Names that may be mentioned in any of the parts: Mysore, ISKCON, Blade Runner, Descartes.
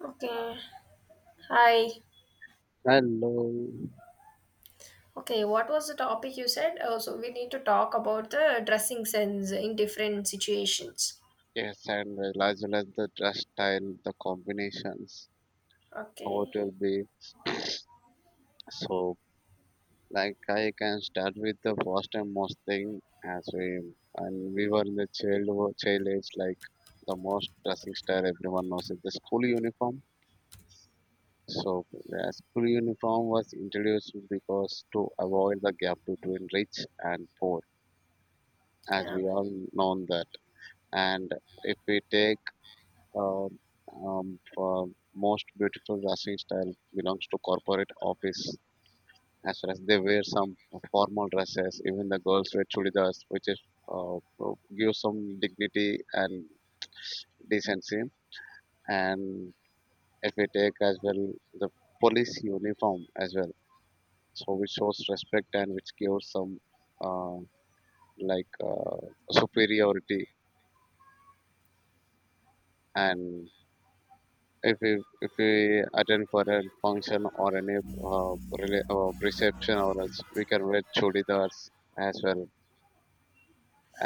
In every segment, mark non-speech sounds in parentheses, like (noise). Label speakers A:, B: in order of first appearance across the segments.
A: Okay. Hi.
B: Hello.
A: Okay, what was the topic you said? Oh, so we need to talk about the dressing sense in different situations.
B: Yes, and as well as the dress style, the combinations, how it
A: Okay.
B: will be. So, like, I can start with the first and most thing as we were in the child age, like the most dressing style everyone knows is the school uniform. So, the school uniform was introduced because to avoid the gap between rich and poor, as
A: Yeah.
B: we all know that. And if we take Um, for most beautiful dressing style belongs to corporate office as well as they wear some formal dresses. Even the girls wear chudidars, which is uh, give some dignity and decency. And if we take as well the police uniform as well, so which shows respect and which gives some uh, like superiority and if we if we attend for a function or any reception or else we can wear chudidars as well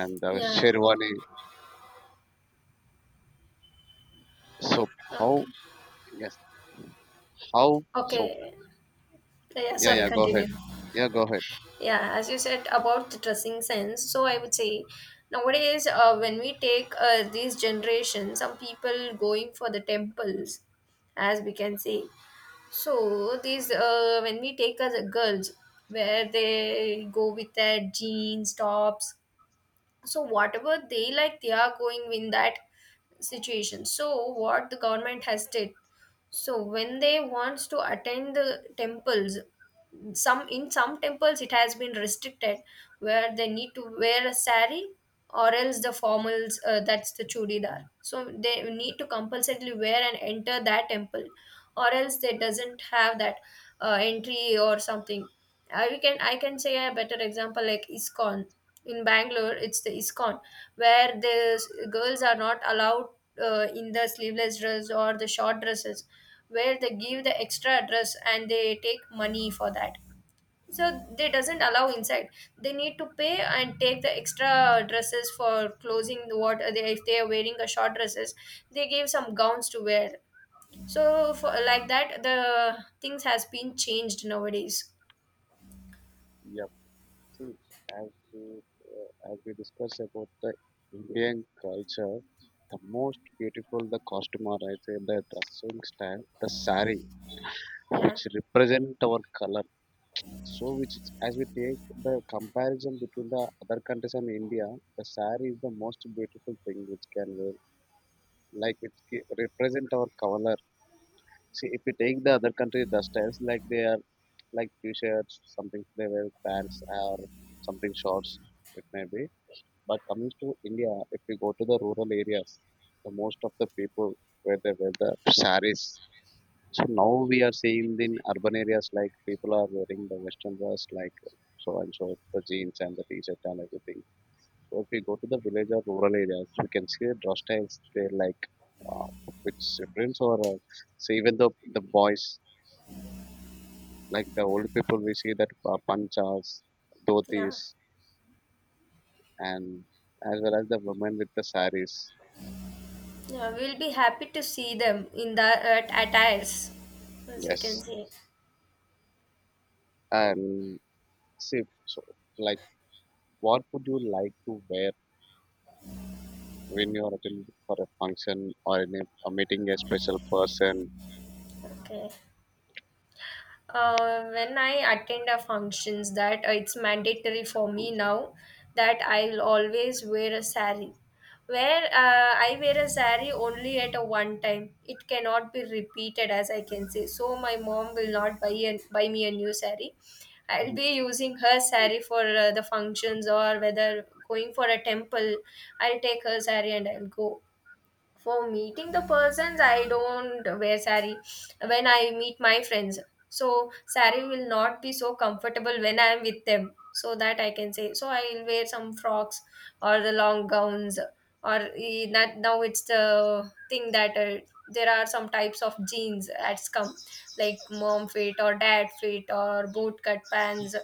B: and
A: Yeah.
B: sherwani so how
A: Okay.
B: yes how so
A: Okay. Yeah,
B: yeah,
A: sorry,
B: yeah, go ahead.
A: continue.
B: Yeah, go ahead.
A: Yeah, as you said about the dressing sense, so I would say nowadays when we take these generations, some people going for the temples, as we can see. So these when we take as a girls, where they go with their jeans tops, so whatever they like, they are going in that situation. So what the government has did, so when they wants to attend the temples, some in some temples it has been restricted, where they need to wear a sari or else the formals, that's the chudidar, so they need to compulsorily wear and enter that temple, or else they doesn't have that entry or something. I can say a better example like iskon in Bangalore, it's the ISKCON, where the girls are not allowed in the sleeveless dress or the short dresses, where they give the extra dress and they take money for that. So they doesn't allow inside. They need to pay and take the extra dresses for closing the water. They, if they are wearing a short dresses, they give some gowns to wear. So for like that, the things has been changed nowadays.
B: Yep. See, as as we discussed about the Indian culture, the most beautiful the costume or I say the dressing style, the sari,
A: Yeah,
B: which represent our color. So, which is, as we take the comparison between the other countries and India, the saree is the most beautiful thing which can wear, like it represent our color. See, if we take the other country, the styles like they are like t-shirts, something they wear pants or something shorts, it may be. But coming to India, if we go to the rural areas, the most of the people where they wear the sarees so now we are seeing in urban areas like people are wearing the western dress like so and so the jeans and the t-shirt and everything. So if we go to the village or rural areas, we can see the dress styles they like uh, which difference or so even the boys like the old people we see that panchas,
A: yeah.
B: dhotis and as well as the women with the saris.
A: Yeah, we'll be happy to see them in the at attires, as you can
B: Yes,
A: see.
B: and see so like what would you like to wear when you're attending for a function or in a meeting a special person
A: Okay. When I attend a functions, that it's mandatory for me now that I'll always wear a sari. Where I wear a sari only at a one time, it cannot be repeated, as I can say. So my mom will not buy a, buy me a new sari. I'll
B: (laughs)
A: be using her sari for the functions or whether going for a temple. I'll take her sari and I'll go. For meeting the persons, I don't wear sari. When I meet my friends, so sari will not be so comfortable when I am with them, so that I can say. So I will wear some frocks or the long gowns, or that now it's the thing that there are some types of jeans that's come, like mom fit or dad fit or boot cut pants.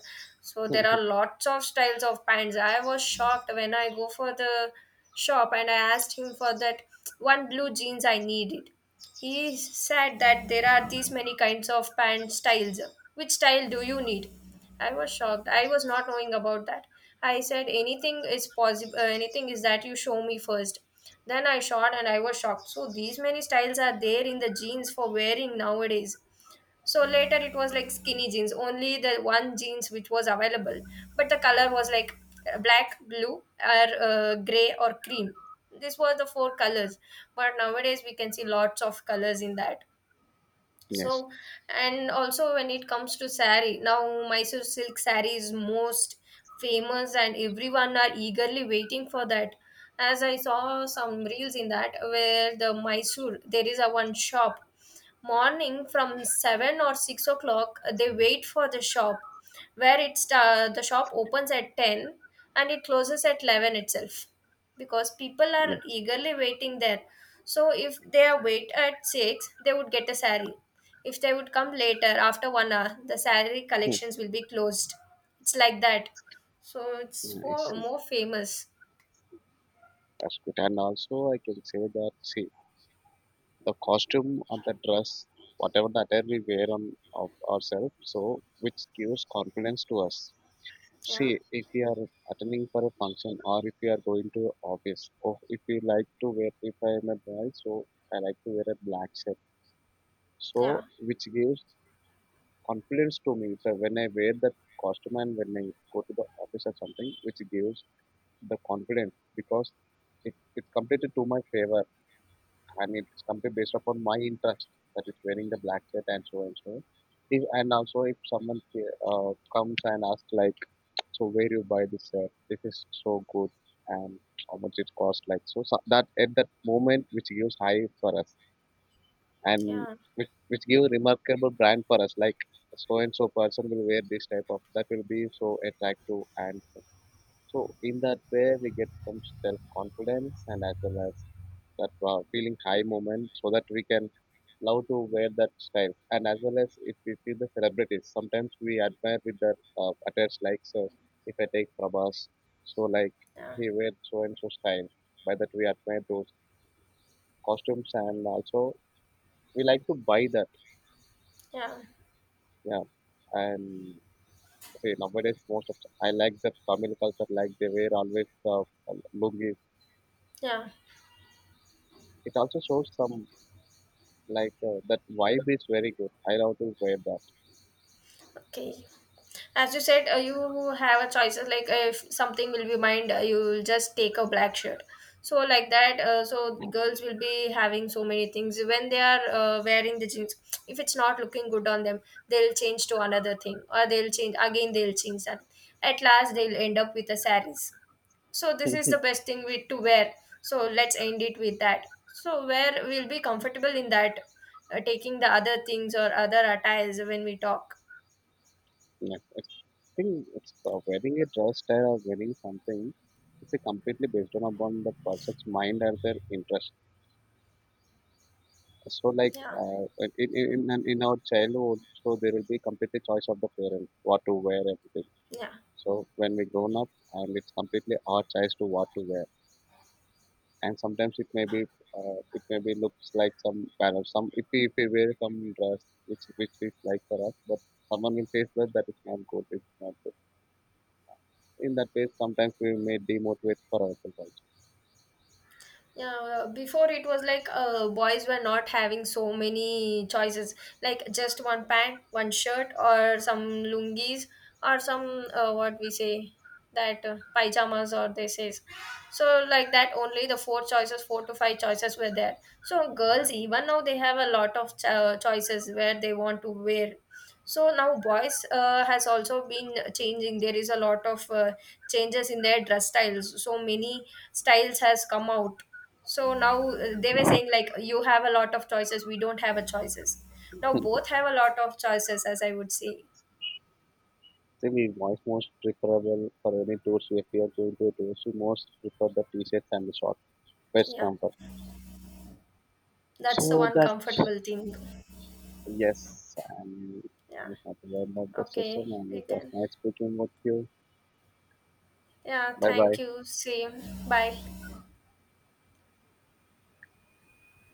A: So there are lots of styles of pants. I was shocked when I go for the shop and I asked him for that one blue jeans I needed. He said that there are these many kinds of pant styles. Which style do you need? I was shocked. I was not knowing about that. I said anything is possible. Anything is that you show me first. Then I shot and I was shocked. So these many styles are there in the jeans for wearing nowadays. So later it was like skinny jeans, only the one jeans which was available, but the color was like black, blue, or gray, or cream. This was the four colors, but nowadays we can see lots of colors in that.
B: yes
A: So, and also, when it comes to sari, now Mysore silk sari is most famous and everyone are eagerly waiting for that, as I saw some reels in that. Where the Mysore, there is a one shop, morning from 7 or 6 o'clock they wait for the shop, where it's the shop opens at 10 and it closes at 11 itself because people are
B: yeah
A: eagerly waiting there. So if they are wait at 6, they would get a sari. If they would come later, after 1 hour, the salary
B: (laughs)
A: collections will be closed. It's like that. So it's
B: Yeah, I
A: for
B: see,
A: more famous.
B: that's good and also I can say that see the costume and the dress whatever the attire we wear on of ourselves so which gives confidence to us.
A: Yeah,
B: See if we are attending for a function or if we are going to office or if we like to wear, if I am a boy so I like to wear a black shirt
A: yeah,
B: so which gives confidence to me that when I wear that costume and when I go to the office or something, which gives the confidence because it's completely to my favor and it's completely based upon my interest that is wearing the black shirt and so and so. If, and also if someone comes and asks like, so where you buy this shirt? This is so good and how much it cost like so, so that at that moment which gives high for us and
A: yeah,
B: which give remarkable brand for us like so and so person will wear this type of that will be so attractive and so in that way we get some self confidence and as well as that feeling high moment so that we can love to wear that style and as well as if we see the celebrities sometimes we admire with their attires like so if I take Prabhas so like
A: yeah,
B: he wear so and so style by that we admire those costumes and also we like to buy that.
A: yeah,
B: Yeah, and see nowadays most of I like the Tamil culture, like they wear always the lungis.
A: yeah.
B: It also shows some like that vibe is very good. I love to wear that.
A: Okay. As you said, you have a choices, like if something will be mined, you'll just take a black shirt. So like that, so girls will be having so many things when they are wearing the jeans. If it's not looking good on them, they'll change to another thing, or they'll change again. They'll change that. At last, they'll end up with a saris. So this is the
B: (laughs)
A: best thing we to wear. So let's end it with that. So where we'll be comfortable in that, taking the other things or other attires when we talk.
B: Yeah, it's I think it's wearing a dress style or wearing something. It's a completely based on upon the person's mind and their interest. So
A: Yeah,
B: in our childhood, so there will be completely choice of the parent what to wear everything.
A: yeah.
B: So when we grown up, and it's completely our choice to what to wear. And sometimes it may be looks like some kind of some if we wear some dress which is like for us but someone will say that that is not good, it's not good. In that case, sometimes we may demotivate for ourselves also.
A: Yeah, before it was like boys were not having so many choices, like just one pant, one shirt, or some lungis, or some what we say that pyjamas, or they says. So like that, only the four choices, four to five choices were there. So girls, even now they have a lot of choices where they want to wear. So now boys has also been changing. There is a lot of changes in their dress styles. So many styles has come out. So now they were saying like you have a lot of choices, we don't have a choices. Now both have a lot of choices, as I would say.
B: Still most preferable for any tours, if we are going to a tours we most prefer the t-shirts and the shorts, best
A: Yeah,
B: comfort.
A: that's the
B: So
A: one
B: that
A: comfortable thing.
B: yes and we
A: Yeah.
B: have to end up the session
A: Okay,
B: and
A: we
B: it was
A: can.
B: nice speaking with you.
A: Yeah,
B: Bye
A: thank
B: bye.
A: you, same. Bye.